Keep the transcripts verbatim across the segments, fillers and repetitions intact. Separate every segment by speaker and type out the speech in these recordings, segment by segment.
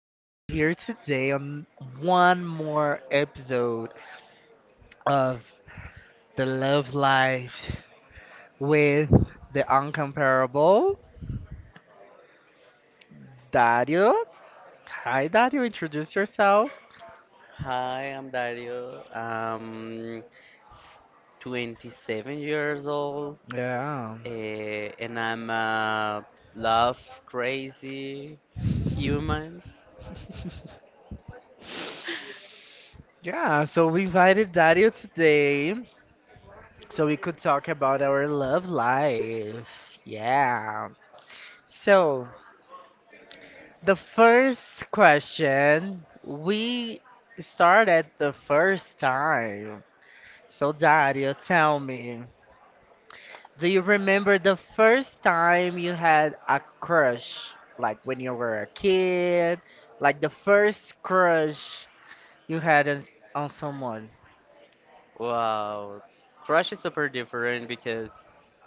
Speaker 1: We're here today on one more episode of The Love Life with the uncomparable Dario. Hi, Dario. Introduce yourself.
Speaker 2: Hi, I'm Dario. I'm twenty-seven years old,
Speaker 1: Yeah.
Speaker 2: uh, and I'm a love crazy human.
Speaker 1: Yeah. So we invited Dario today so we could talk about our love life. Yeah. So the first question we start at the first time. So, Dario, tell me, do you remember the first time you had a crush? Like when you were a kid? Like the first crush you had in, on someone?
Speaker 2: Wow, crush is super different because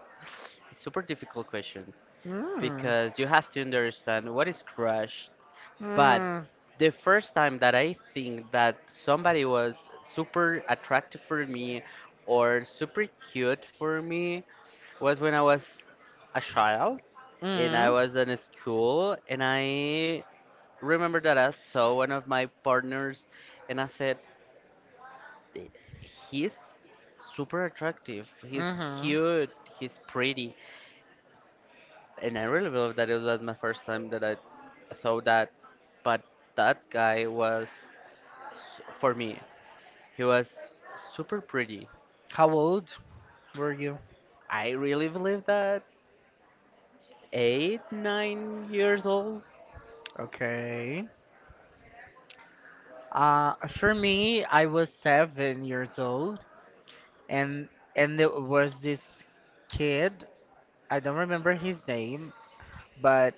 Speaker 2: it's super difficult question
Speaker 1: Mm.
Speaker 2: because you have to understand what is crush. But
Speaker 1: Mm.
Speaker 2: the first time that I think that somebody was super attractive for me or super cute for me was when I was a child and I
Speaker 1: Mm.
Speaker 2: was in school and I remember that I saw one of my partners and I said, "Eh, he's super attractive, he's
Speaker 1: Mm-hmm.
Speaker 2: cute, he's pretty." And I really believe that it was my first time that I thought that, but that guy was, s- for me, he was super pretty.
Speaker 1: How old were you?
Speaker 2: I really believe that eight, nine years old,
Speaker 1: Okay. Uh, for me, I was seven years old, and and there was this kid. I don't remember his name, but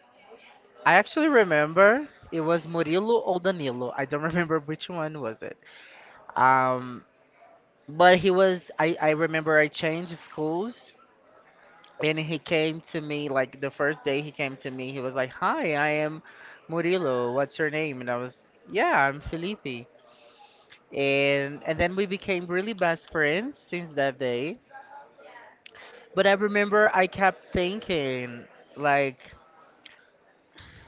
Speaker 1: I actually remember it was Murilo or Danilo. I don't remember which one was it. Um, but he was. I I remember I changed schools, and he came to me like the first day he came to me. He was like, "Hi, I am Murilo. What's your name?" And I was, "Yeah, I'm Felipe." And and then we became really best friends since that day. But I remember I kept thinking like.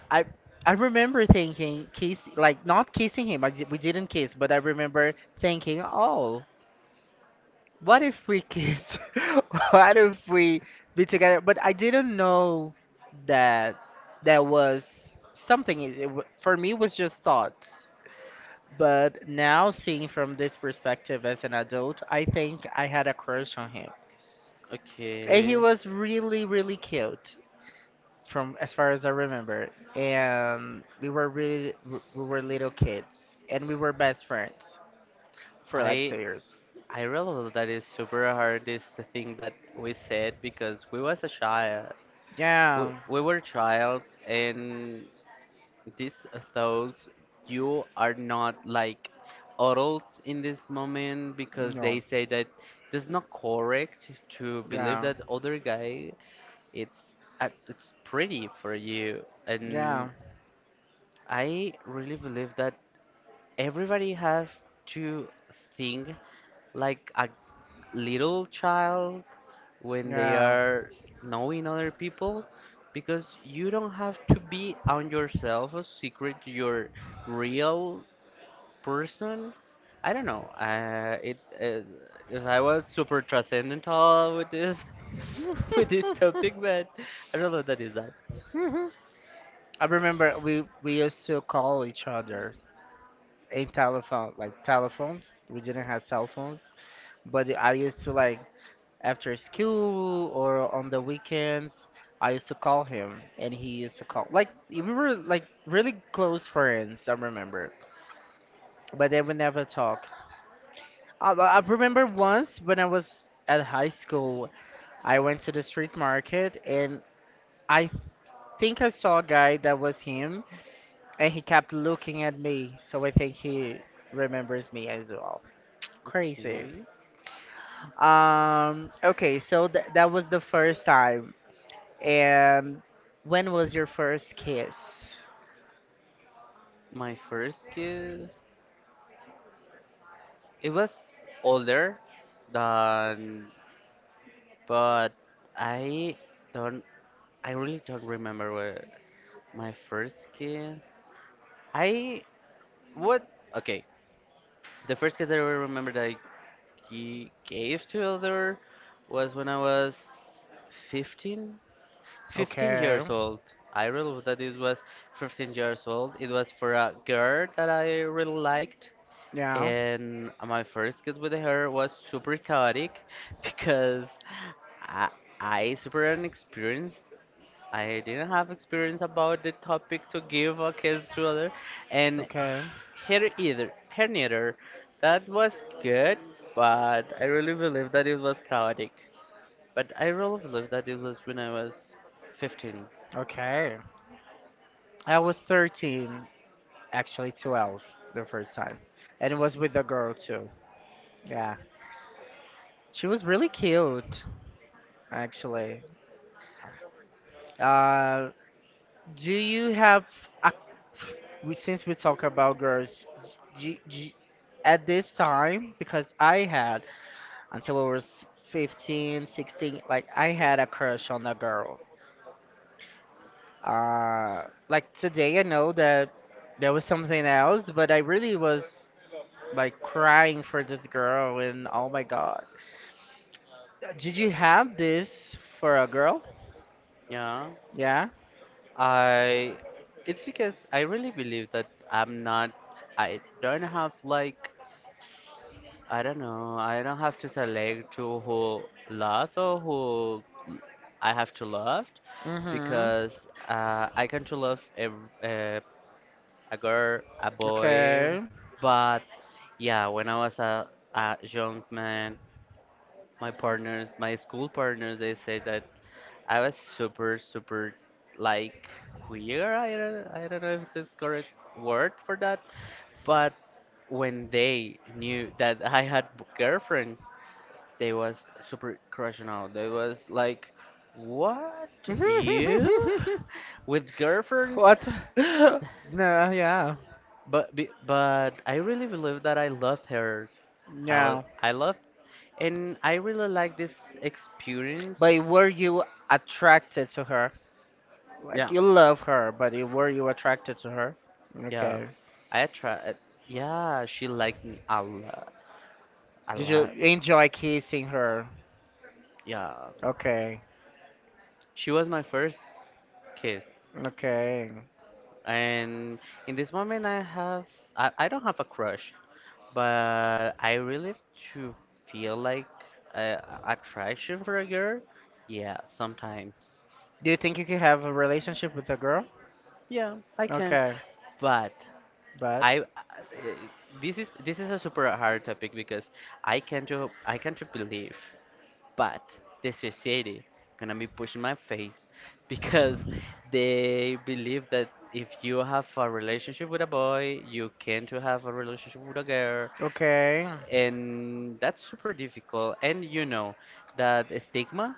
Speaker 1: I I remember thinking kiss like not kissing him. I, di- we didn't kiss, but I remember thinking, oh, what if we kiss? What if we be together? But I didn't know that that was something. It, it, wa- for me, it was just thoughts. But now, seeing from this perspective as an adult, I think I had a crush on him,
Speaker 2: and he
Speaker 1: and
Speaker 2: okay.
Speaker 1: he was really, really cute. From as far as I remember, and we were really we were little kids, and we were best friends for like two
Speaker 2: I
Speaker 1: years.
Speaker 2: I realize that is super hard this thing that we said because we was a child. We,
Speaker 1: Yeah,
Speaker 2: we were childs, and these thoughts you are not like adults in this moment because they
Speaker 1: no,
Speaker 2: say that it's not correct to believe
Speaker 1: yeah,
Speaker 2: that other guy it's uh, it's pretty for you,
Speaker 1: yeah,
Speaker 2: and I really believe that everybody have to think like a little child when they
Speaker 1: yeah.
Speaker 2: are knowing other people because you don't have to be on yourself a secret your real person. I don't know, uh, it uh, if I was super transcendental with this with this topic, but I don't know what that is that.
Speaker 1: I remember we we used to call each other in telephone, like telephones. We didn't have cell phones, but I used to like after school or on the weekends, I used to call him and he used to call. Like, we were like really close friends, I remember. But they would never talk. I, I remember once when I was at high school, I went to the street market and I think I saw a guy that was him and he kept looking at me. So I think he remembers me as well. Crazy.
Speaker 2: Okay,
Speaker 1: Um, okay, so th that was the first time. And when was your first kiss?
Speaker 2: my first kiss, it was older than. But I don't, I really don't remember where my first kiss. I, what? Okay, the first kiss that I remember that I g- gave to other was when I was fifteen, fifteen
Speaker 1: Okay.
Speaker 2: years old. I really that it was fifteen years old. It was for a girl that I really liked.
Speaker 1: Yeah.
Speaker 2: And my first kiss with her was super chaotic because I, I super inexperienced, I didn't have experience about the topic to give a kiss to other, and
Speaker 1: Okay.
Speaker 2: here either, here neither. That was good, but I really believe that it was chaotic. But I really believe that it was when I was fifteen.
Speaker 1: Okay. I was thirteen, actually twelve the first time. And it was with a girl too. Yeah. She was really cute, actually. Uh, do you have a We, since we talk about girls g- g- at this time, because I had, until I was fifteen, sixteen, like I had a crush on a girl. Uh, like today, I know that there was something else, but I really was like crying for this girl, and oh my God. Uh, Did you have this for a girl?
Speaker 2: Yeah,
Speaker 1: Yeah?
Speaker 2: I. It's because I really believe that I'm not. I don't have like. I don't know. I don't have to select to who love or who I have to love
Speaker 1: Mm-hmm.
Speaker 2: because uh, I can to love a, a, a girl, a boy,
Speaker 1: Okay.
Speaker 2: but yeah, when I was a, a young man, my partners, my school partners, they said that I was super, super like queer. I don't, I don't know if this correct word for that, but when they knew that I had b- girlfriend, they was super crushing out. They was like, what you with girlfriend?
Speaker 1: What? No, yeah.
Speaker 2: But be- but I really believe that I loved her. How
Speaker 1: No.
Speaker 2: I loved, and I really like this experience.
Speaker 1: But were you attracted to her? Like
Speaker 2: Yeah.
Speaker 1: you love her, but you- were you attracted to her?
Speaker 2: Yeah,
Speaker 1: Okay.
Speaker 2: I attract. Yeah, she likes me a lot, a
Speaker 1: Did you
Speaker 2: lot.
Speaker 1: enjoy kissing her?
Speaker 2: Yeah,
Speaker 1: Okay.
Speaker 2: she was my first kiss.
Speaker 1: Okay.
Speaker 2: And in this moment, I have I, I don't have a crush, but I really to feel like uh, attraction for a girl. Yeah, sometimes.
Speaker 1: Do you think you could have a relationship with a girl?
Speaker 2: Yeah, I can.
Speaker 1: Okay.
Speaker 2: But
Speaker 1: But
Speaker 2: I uh, this is this is a super hard topic because I can't to I can't to believe. But the society gonna be pushing my face because they believe that if you have a relationship with a boy, you can to have a relationship with a girl,
Speaker 1: okay.
Speaker 2: and that's super difficult. And you know that stigma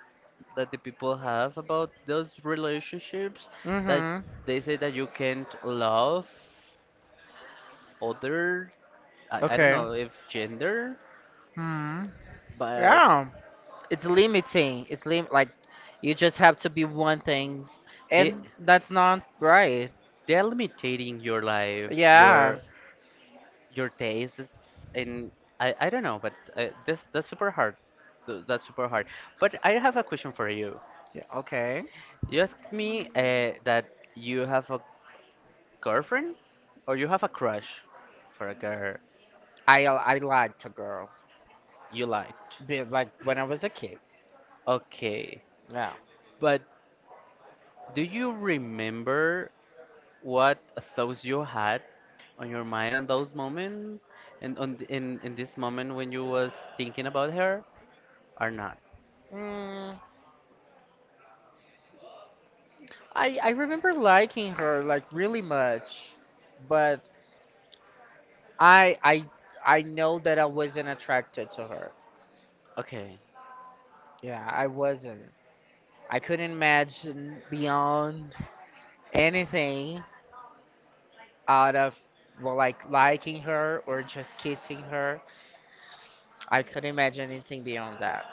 Speaker 2: that the people have about those relationships, that
Speaker 1: Mhm.
Speaker 2: they say that you can't love other. I, I don't
Speaker 1: Okay.
Speaker 2: know if gender,
Speaker 1: Hmm.
Speaker 2: but
Speaker 1: Yeah. It's limiting. It's lim Like you just have to be one thing,
Speaker 2: they
Speaker 1: and that's not right.
Speaker 2: they're limiting your life
Speaker 1: Yeah.
Speaker 2: your your taste is in. I, I don't know, but uh, this that's super hard. Th- That's super hard. But I have a question for you.
Speaker 1: Yeah, okay.
Speaker 2: You asked me uh, that you have a girlfriend or you have a crush for a girl
Speaker 1: I I lied to girl,
Speaker 2: you liked.
Speaker 1: be- like when I was a kid.
Speaker 2: Okay.
Speaker 1: Yeah.
Speaker 2: But do you remember what thoughts you had on your mind on those moments and on th- in in this moment when you was thinking about her or not?
Speaker 1: Mm, I I remember liking her like really much, but I I I know that I wasn't attracted to her.
Speaker 2: Okay.
Speaker 1: Yeah, I wasn't. I couldn't imagine beyond anything out of well like liking her or just kissing her. I couldn't imagine anything beyond that.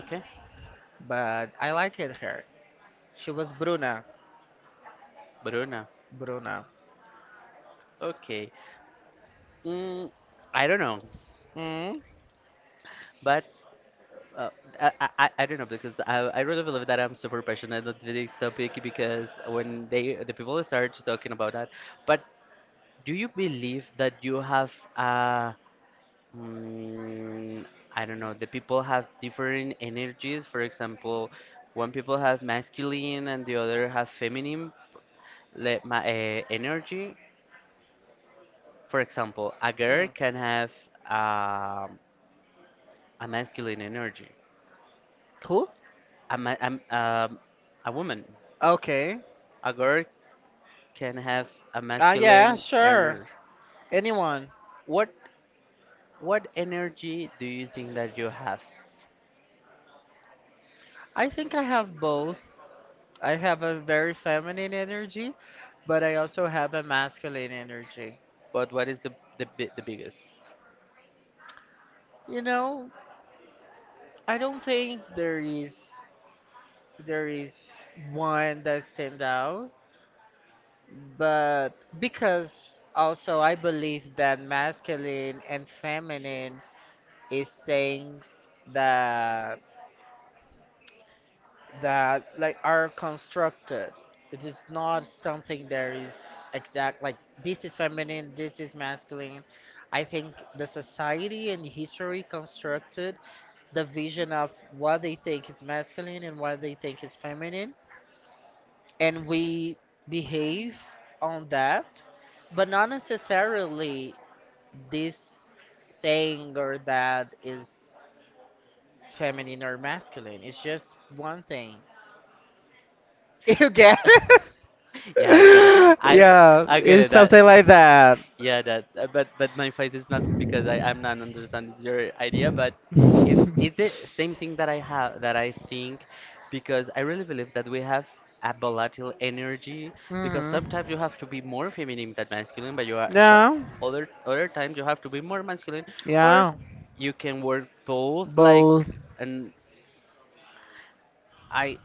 Speaker 2: Okay.
Speaker 1: But I liked her. She was Bruna.
Speaker 2: Bruna.
Speaker 1: Bruna.
Speaker 2: Okay. Mm, I don't know,
Speaker 1: Mm?
Speaker 2: but uh, I, I I I don't know because I I really believe that I'm super passionate about this topic because when they the people start talking about that, but do you believe that you have uh mm, I don't know, the people have different energies? For example, one people have masculine and the other have feminine le- ma uh, energy. For example, a girl
Speaker 1: Mm.
Speaker 2: can have um a masculine energy
Speaker 1: Who?
Speaker 2: a, ma- a, m- um, a woman,
Speaker 1: Okay.
Speaker 2: a girl can have a. Ah, yeah,
Speaker 1: Uh yeah,
Speaker 2: masculine sure.
Speaker 1: sure.
Speaker 2: Energy.
Speaker 1: Anyone.
Speaker 2: What what energy do you think that you have?
Speaker 1: I think I have both. I have a very feminine energy, but I also have a masculine energy.
Speaker 2: But what is the the, bi- the biggest?
Speaker 1: You know, I don't think there is there is one that stands out, but because also I believe that masculine and feminine is things that. that like are constructed. It is not something that is exact like this is feminine, this is masculine. I think the society and history constructed the vision of what they think is masculine and what they think is feminine, and we behave on that, but not necessarily this thing or that is feminine or masculine. It's just one thing. You get
Speaker 2: Yeah, I get it.
Speaker 1: it?
Speaker 2: I
Speaker 1: Yeah,
Speaker 2: I get
Speaker 1: it's
Speaker 2: it. That
Speaker 1: something like that.
Speaker 2: yeah, that uh, but but my face is not because I I'm not understanding your idea, but it's it's the same thing that I have that I think because I really believe that we have a volatile energy because sometimes you
Speaker 1: Mm-hmm.
Speaker 2: have to be more feminine than masculine, but you are so
Speaker 1: Yeah,
Speaker 2: other other times you have to be more masculine or
Speaker 1: yeah,
Speaker 2: you can work both like,
Speaker 1: both,
Speaker 2: and I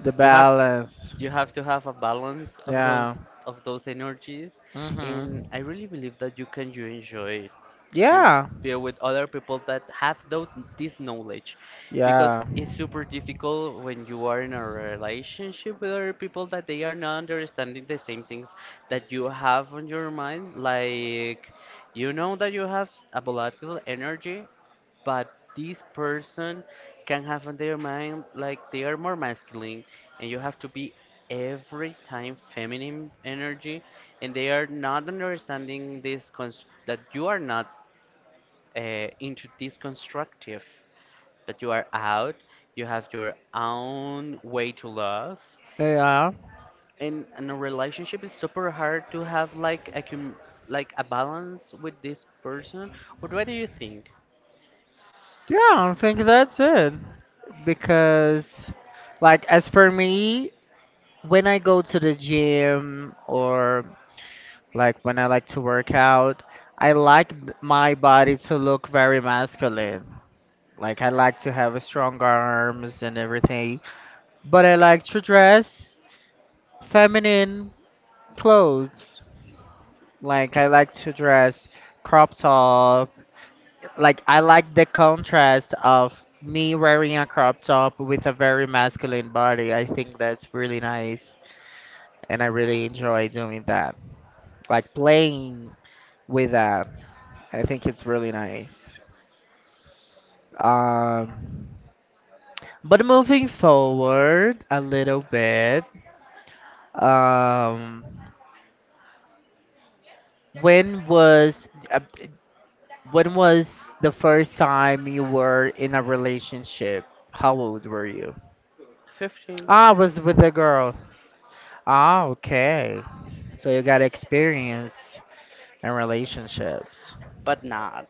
Speaker 1: the
Speaker 2: you have
Speaker 1: balance.
Speaker 2: you have to have a balance of those
Speaker 1: Yeah,
Speaker 2: of those energies. And I
Speaker 1: mm-hmm,
Speaker 2: really believe that you can you enjoy to
Speaker 1: yeah,
Speaker 2: be with other people that have those, this knowledge because
Speaker 1: yeah,
Speaker 2: it's super difficult when you are in a relationship with other people that they are not understanding the same things that you have on your mind like, you know that you have a volatile energy, but this person can have on their mind like they are more masculine and you have to be every time feminine energy, and they are not understanding this const- that you are not uh, into this constructive, that you are out, you have your own way to love,
Speaker 1: yeah,
Speaker 2: and in a relationship it's super hard to have like a com- like a balance with this person. what, what do you think?
Speaker 1: yeah. I think that's it. Because, like, as for me, when I go to the gym or like when I like to work out, I like th- my body to look very masculine. Like I like to have strong arms and everything, but I like to dress feminine clothes. Like I like to dress crop top. Like I like the contrast of me wearing a crop top with a very masculine body. I think that's really nice and I really enjoy doing that. Like playing with that. I think it's really nice. Um but moving forward a little bit, Um, when was uh, when was the first time you were in a relationship? How old were you?
Speaker 2: fifteen.
Speaker 1: Ah, I was with a girl. Ah, okay. So you got experience in relationships.
Speaker 2: But not,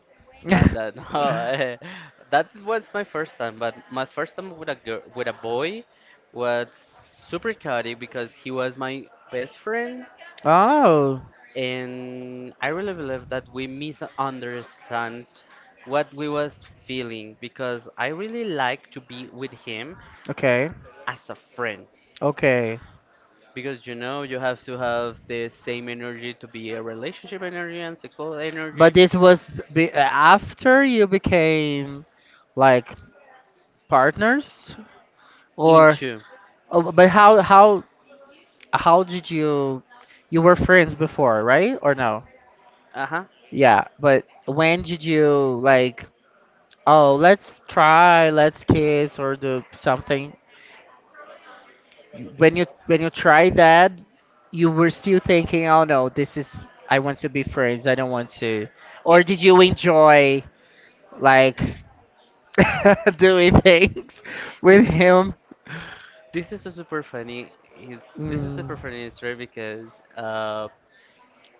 Speaker 2: not that. No, eh, that was my first time. But my first time with a girl, with a boy, was super chaotic because he was my best friend,
Speaker 1: Oh,
Speaker 2: and I really believe that we misunderstand what we was feeling because I really like to be with him
Speaker 1: okay.
Speaker 2: as a friend.
Speaker 1: Okay.
Speaker 2: Because you know you have to have the same energy to be a relationship energy and sexual energy
Speaker 1: But this was be after you became like partners or
Speaker 2: into.
Speaker 1: oh, but how how how did you you were friends before, right? Or no?
Speaker 2: Uh huh.
Speaker 1: Yeah, but when did you like, oh, let's try, let's kiss or do something? You- When you when you tried that, you were still thinking, oh no, this is I want to be friends. I don't want to. Or
Speaker 2: It
Speaker 1: did you enjoy like doing things with
Speaker 2: Th-
Speaker 1: him?
Speaker 2: This is a super funny. He's this is
Speaker 1: Mm,
Speaker 2: super funny story because uh,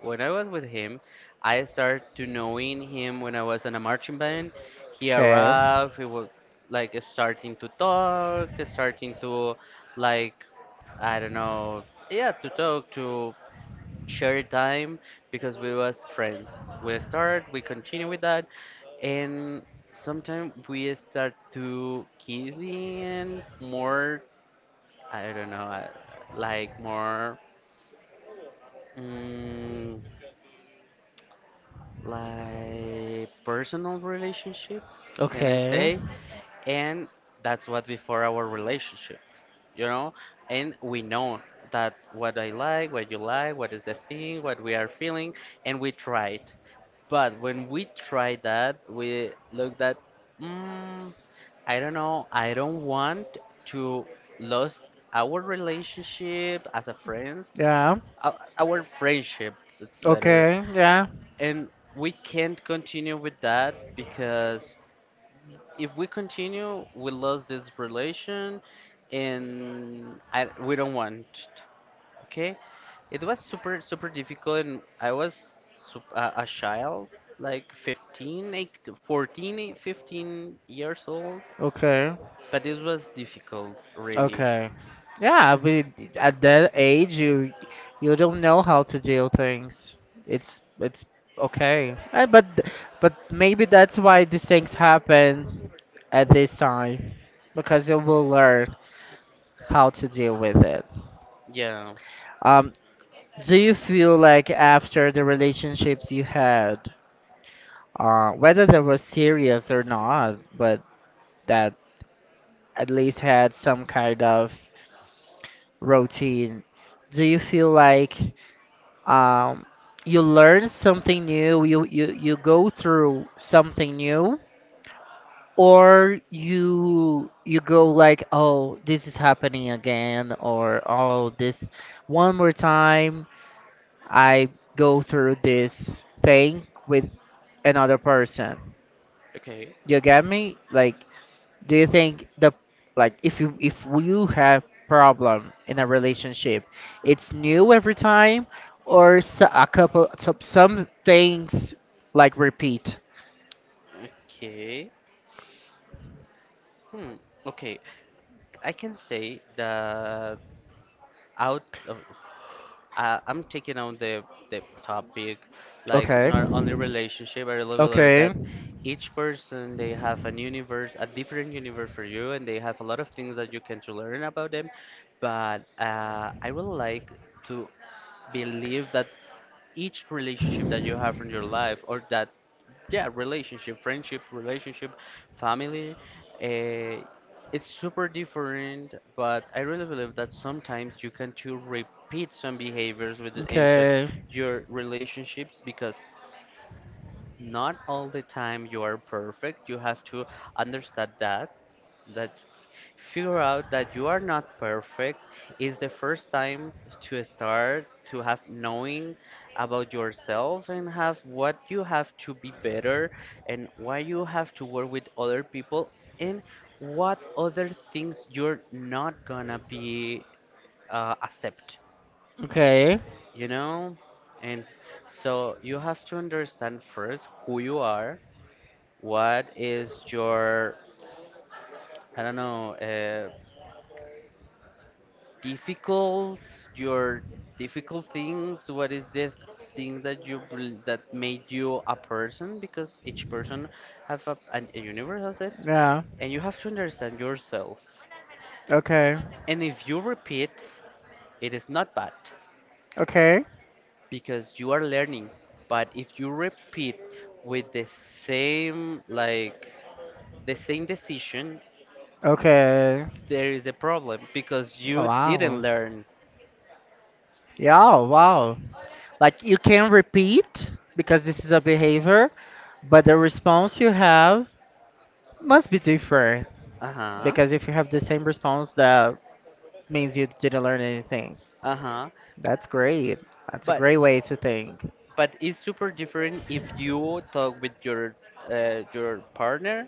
Speaker 2: when I was with him, I started to knowing him when I was in a marching band. He
Speaker 1: okay.
Speaker 2: arrived. He was like starting to talk, starting to like. I don't know, yeah, to talk to share time because we was friends. We start, we continue with that, and sometimes we start to kissing more. I don't know, I, like more mm, like personal relationship, can I
Speaker 1: Okay.
Speaker 2: say? And that's what before our relationship, you know? And we know that what I like, what you like, what is the thing, what we are feeling, and we tried. But when we try that, we look that mm, I don't know, I don't want to lose our relationship as a friends,
Speaker 1: Yeah.
Speaker 2: ou- our friendship, that's better,
Speaker 1: Okay. Yeah.
Speaker 2: and we can't continue with that because if we continue we lose this relation, and I, we don't want it. Okay, it was super super difficult, and I was sup- a a child like fifteen, like fourteen, eh, fifteen years old,
Speaker 1: Okay.
Speaker 2: but it was difficult really.
Speaker 1: Okay. Yeah, I mean, at that age, you you don't know how to deal things. It's it's okay. Uh, but but maybe that's why these things happen at this time, because you will learn how to deal with it.
Speaker 2: Yeah,
Speaker 1: Um, do you feel like after the relationships you had, uh, whether they were serious or not, but that at least had some kind of routine, do you feel like um, you learn something new? You, you you go through something new, or you you go like, oh, this is happening again, or oh, this one more time I go through this thing with another person?
Speaker 2: okay.
Speaker 1: You get me? Like, do you think the, like, if you if you have problem in a relationship, it's new every time, or s- a couple, some, some things like repeat?
Speaker 2: Okay, hmm. Okay, I can say that out of I, I'm taking on the the topic like
Speaker 1: Okay,
Speaker 2: not only relationship. I really believe
Speaker 1: okay,
Speaker 2: that each person they have an universe, a different universe for you, and they have a lot of things that you can to learn about them. But uh, I would like to believe that each relationship that you have in your life or that, yeah, relationship, friendship, relationship, family, uh, it's super different, but I really believe that sometimes you can to repeat some behaviors with into
Speaker 1: okay,
Speaker 2: your relationships because not all the time you are perfect. You have to understand that that figure out that you are not perfect is the first time to start to have knowing about yourself, and have what you have to be better, and why you have to work with other people, and what other things you're not gonna be uh, accept,
Speaker 1: okay,
Speaker 2: you know. And so you have to understand first who you are, what is your, I don't know, uh, difficult, your difficult things, what is the thing that you bel- that made you a person because each person have a, an, a universe as it,
Speaker 1: yeah,
Speaker 2: and you have to understand yourself.
Speaker 1: okay,
Speaker 2: And if you repeat, it is not bad
Speaker 1: okay,
Speaker 2: because you are learning, but if you repeat with the same like the same decision,
Speaker 1: okay.
Speaker 2: there is a problem because you didn't
Speaker 1: Wow,
Speaker 2: learn.
Speaker 1: yeah, wow, like you can repeat because this is a behavior, but the response you have must be different.
Speaker 2: Uh-huh.
Speaker 1: Because if you have the same response, that means you didn't learn anything.
Speaker 2: Uh-huh.
Speaker 1: That's great. That's a
Speaker 2: But
Speaker 1: great way to think.
Speaker 2: but it's super different if you talk with your uh, your partner,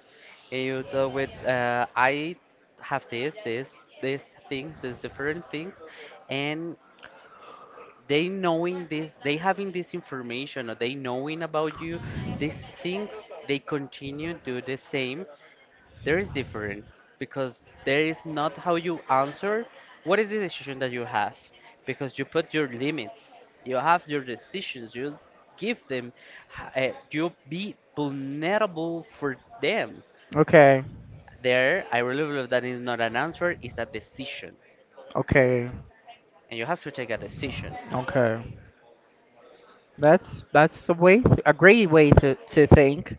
Speaker 2: and you talk with uh, I have this this this things, these different things, and they knowing this, they having this information or they knowing about you these things, they continue do the same. There is different because there is not how you answer, what is the decision that you have, because you put your limits, you have your decisions, you give them, uh, you be vulnerable for them.
Speaker 1: Okay,
Speaker 2: There, I really believe that is not an answer, it's a decision,
Speaker 1: okay,
Speaker 2: and you have to take a decision.
Speaker 1: okay. That's that's a way, a great way to to think.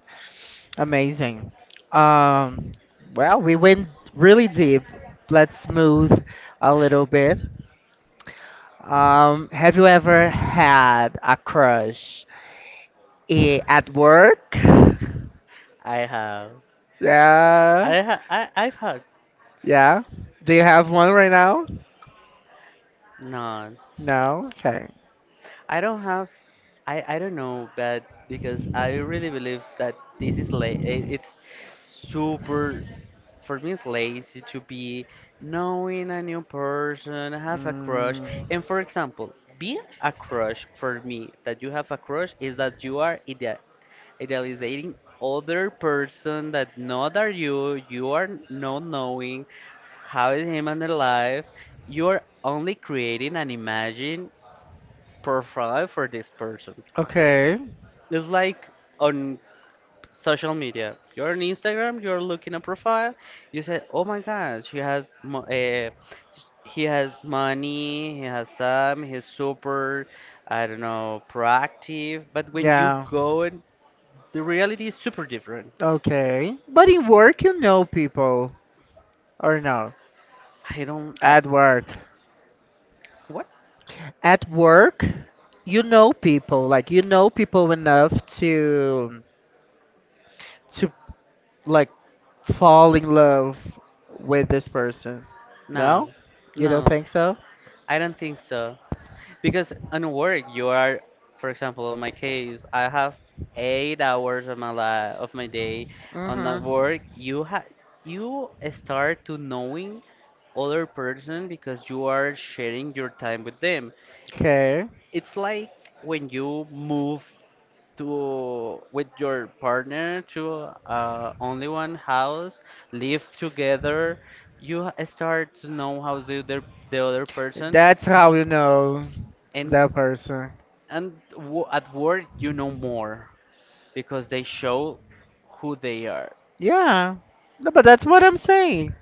Speaker 1: Amazing. Um, well, we went really deep. Let's smooth a little bit. Um, have you ever had a crush i- at work?
Speaker 2: I have,
Speaker 1: Yeah,
Speaker 2: i ha- I, i've had
Speaker 1: yeah. Do you have one right now?
Speaker 2: No,
Speaker 1: No? Okay.
Speaker 2: I don't have, I, I don't know, but because I really believe that this is la i- it's super, for me, it's lazy to be knowing a new person, have a crush.
Speaker 1: Mm,
Speaker 2: And for example, being a crush for me, that you have a crush, is that you are ideal, idealizing other person that not are you, you are not knowing how is him and their life. You're only creating an imagine profile for this person.
Speaker 1: okay.
Speaker 2: It's like on social media. You're on Instagram, you're looking at profile, you say, "Oh my God, she has mo uh, he has money, he has time, he's super, I don't know, proactive." But when you
Speaker 1: Yeah.
Speaker 2: go and the reality is super different.
Speaker 1: Okay. But in work, you know people, or no?
Speaker 2: I don't I
Speaker 1: At work.
Speaker 2: what?
Speaker 1: At work, you know people. Like, you know people enough to to, like, fall in love with this person. No?
Speaker 2: No.
Speaker 1: You don't
Speaker 2: No.
Speaker 1: think so?
Speaker 2: I don't think so. Because on work, you are, for example, in my case, I have eight hours of my life, of my day on that
Speaker 1: Mm-hmm.
Speaker 2: work. You have, you start to knowing other person because you are sharing your time with them.
Speaker 1: Okay.
Speaker 2: It's like when you move to with your partner to uh, only one house, live together. You h- start to know how the other the other person
Speaker 1: That's how you know
Speaker 2: and.
Speaker 1: that person.
Speaker 2: And w- at work, you know more because they show who they are.
Speaker 1: Yeah. No, but that's what I'm saying.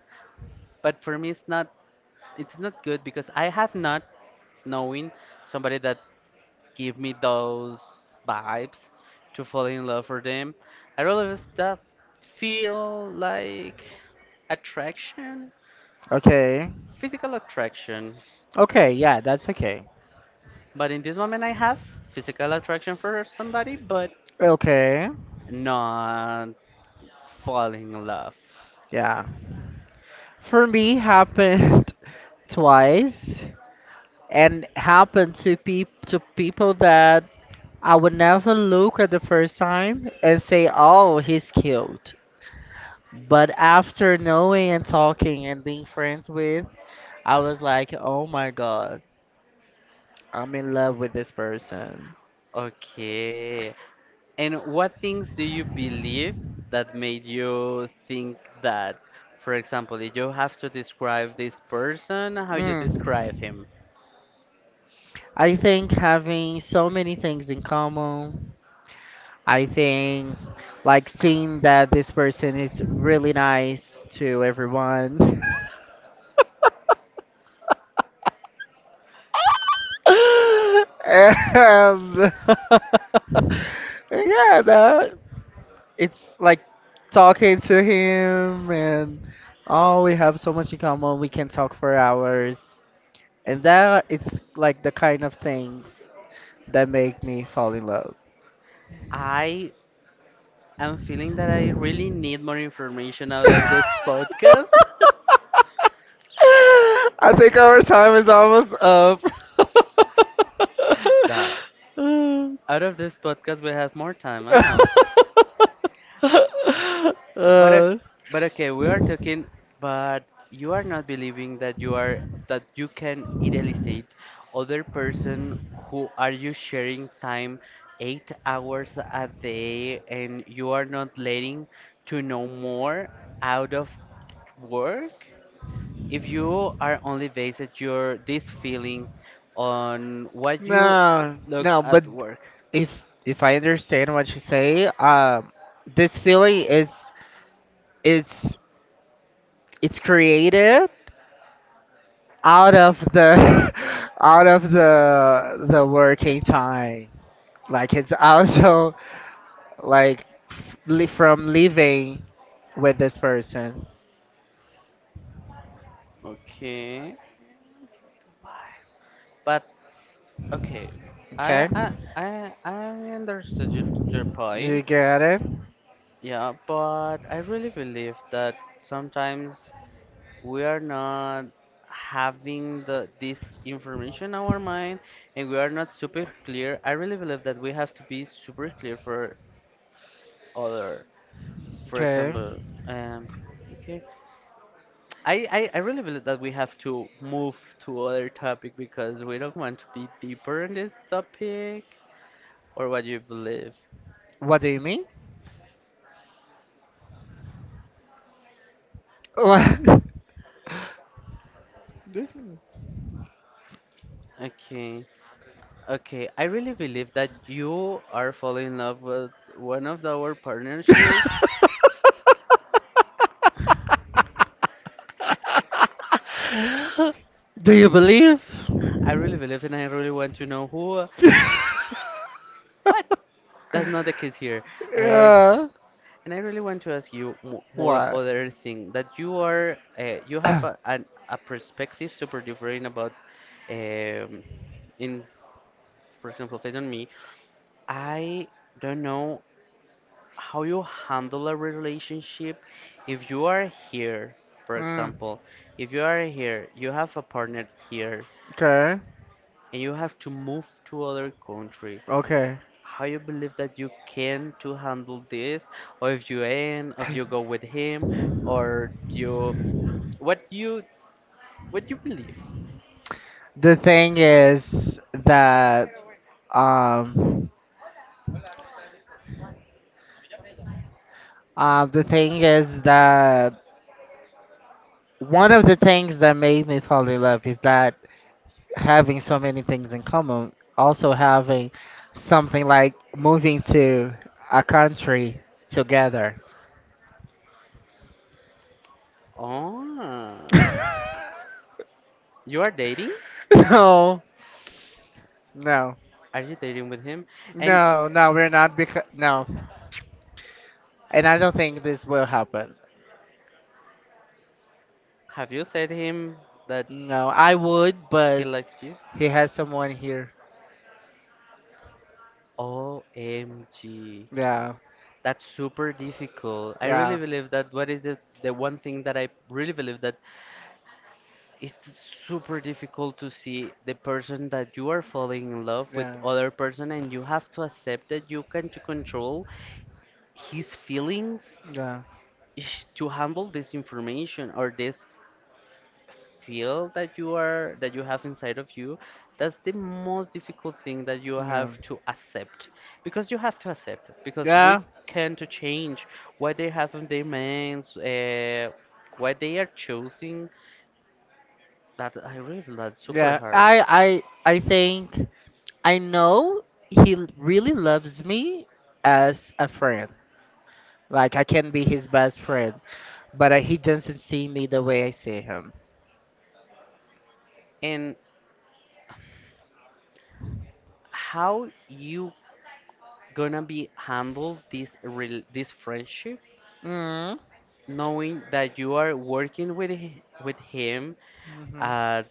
Speaker 2: But for me, it's not, it's not good because I have not knowing somebody that give me those vibes to fall in love for them. I rather stuff feel like attraction,
Speaker 1: Okay.
Speaker 2: physical attraction.
Speaker 1: Okay, yeah, that's okay.
Speaker 2: But in this moment, I have physical attraction for somebody, but
Speaker 1: Okay.
Speaker 2: not falling in love.
Speaker 1: Yeah. For me happened twice and happened to pe to people that I would never look at the first time and say, "Oh, he's cute." But after knowing and talking and being friends with, I was like, "Oh my God, I'm in love with this person."
Speaker 2: Okay, and what things do you believe that made you think that? For example, if you have to describe this person, how you
Speaker 1: Mm.
Speaker 2: describe him?
Speaker 1: I think having so many things in common. I think like seeing that this person is really nice to everyone. And yeah, that it's like talking to him and, oh, we have so much in common. We can talk for hours. And that it's like the kind of things that make me fall in love.
Speaker 2: I am feeling that I really need more information out of this podcast.
Speaker 1: I think our time is almost up.
Speaker 2: The out of this podcast we have more time, I know. But
Speaker 1: uh,
Speaker 2: ok- but okay, we are talking, but you are not believing that you are, that you can idealize other person who are you sharing time eight hours a day, and you are not letting to know more out of work. If you are only based your this feeling on what you
Speaker 1: no,
Speaker 2: look
Speaker 1: no, but
Speaker 2: at work,
Speaker 1: if if I understand what you say, um, this feeling is it's it's created out of the out of the the working time. Like it's also like li- from living with this person.
Speaker 2: okay. But okay, I
Speaker 1: Okay,
Speaker 2: I I I understood your, your
Speaker 1: you
Speaker 2: point.
Speaker 1: get it.
Speaker 2: Yeah, but I really believe that sometimes we are not having the this information in our mind, and we are not super clear. I really believe that we have to be super clear for other. For
Speaker 1: Okay,
Speaker 2: example, um, okay, I, I I really believe that we have to move to other topic because we don't want to be deeper in this topic, or what you believe.
Speaker 1: what do you mean? What? This mean?
Speaker 2: Okay, okay. I really believe that you are falling in love with one of our partnerships.
Speaker 1: Do you believe?
Speaker 2: I really believe, and I really want to know who, but that's not the case here. And
Speaker 1: Yeah.
Speaker 2: and I really want to ask you mo more
Speaker 1: What?
Speaker 2: other thing, that you are uh, you have a an, a perspective super different about um in for example, based on me, I don't know how you handle a relationship if you are here, for
Speaker 1: mm,
Speaker 2: example, if you are here, you have a partner here,
Speaker 1: okay.
Speaker 2: and you have to move to other country.
Speaker 1: Okay.
Speaker 2: How you believe that you can to handle this, or if you end, if you go with him, or you what you what you believe.
Speaker 1: The thing is that um uh, the thing is that one of the things that made me fall in love is that having so many things in common, also having something like moving to a country together.
Speaker 2: Oh, you are dating,
Speaker 1: No, no.
Speaker 2: are you dating with him, and
Speaker 1: No, no, we're not because no, and I don't think this will happen.
Speaker 2: have you said him that
Speaker 1: No, I would,
Speaker 2: he
Speaker 1: but
Speaker 2: likes you?
Speaker 1: he has someone here.
Speaker 2: O M G.
Speaker 1: Yeah,
Speaker 2: That's super difficult. I really
Speaker 1: yeah,
Speaker 2: believe that what is the, the one thing that I really believe that it's super difficult to see the person that you are falling in love with
Speaker 1: yeah,
Speaker 2: other person, and you have to accept that you can not control his feelings
Speaker 1: yeah,
Speaker 2: ish, to handle this information or this feel that you are, that you have inside of you, that's the most difficult thing that you have
Speaker 1: yeah,
Speaker 2: to accept, because you have to accept because we
Speaker 1: yeah,
Speaker 2: can to change what they have in their minds uh, what they are choosing, that I really feel that's super
Speaker 1: yeah.
Speaker 2: hard.
Speaker 1: I, I, I think I know he l- really loves me as a friend. Like I can be his best friend, but uh, he doesn't see me the way I see him.
Speaker 2: And how you gonna be handle this rel this friendship
Speaker 1: Mm.
Speaker 2: knowing that you are working with hi- with him
Speaker 1: Mm-hmm.
Speaker 2: at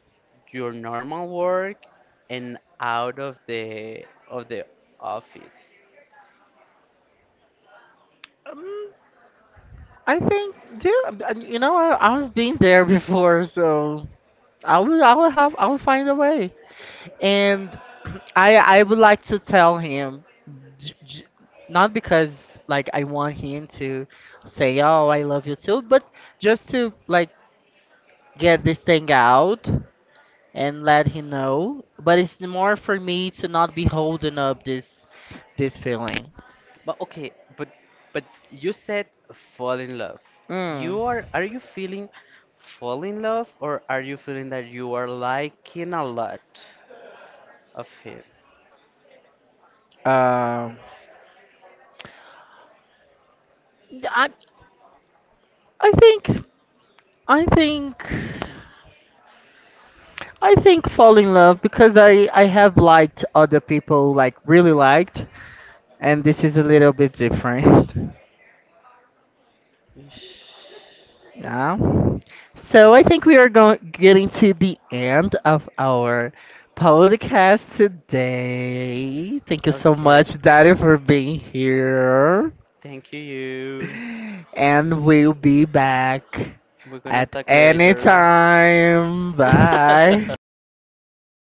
Speaker 2: your normal work and out of the of the office.
Speaker 1: I think, yeah, uh, you know, I, I've been there before, so I will, I will have, I will find a way. And I, I would like to tell him, j- j- not because like I want him to say, "Oh, I love you too," but just to like get this thing out and let him know. But it's more for me to not be holding up this, this feeling.
Speaker 2: But okay, but but you said fall in love.
Speaker 1: Mm.
Speaker 2: You are are you feeling fall in love or are you feeling that you are liking a lot of him? Ish. Okay. Thank you. We're gonna talk later.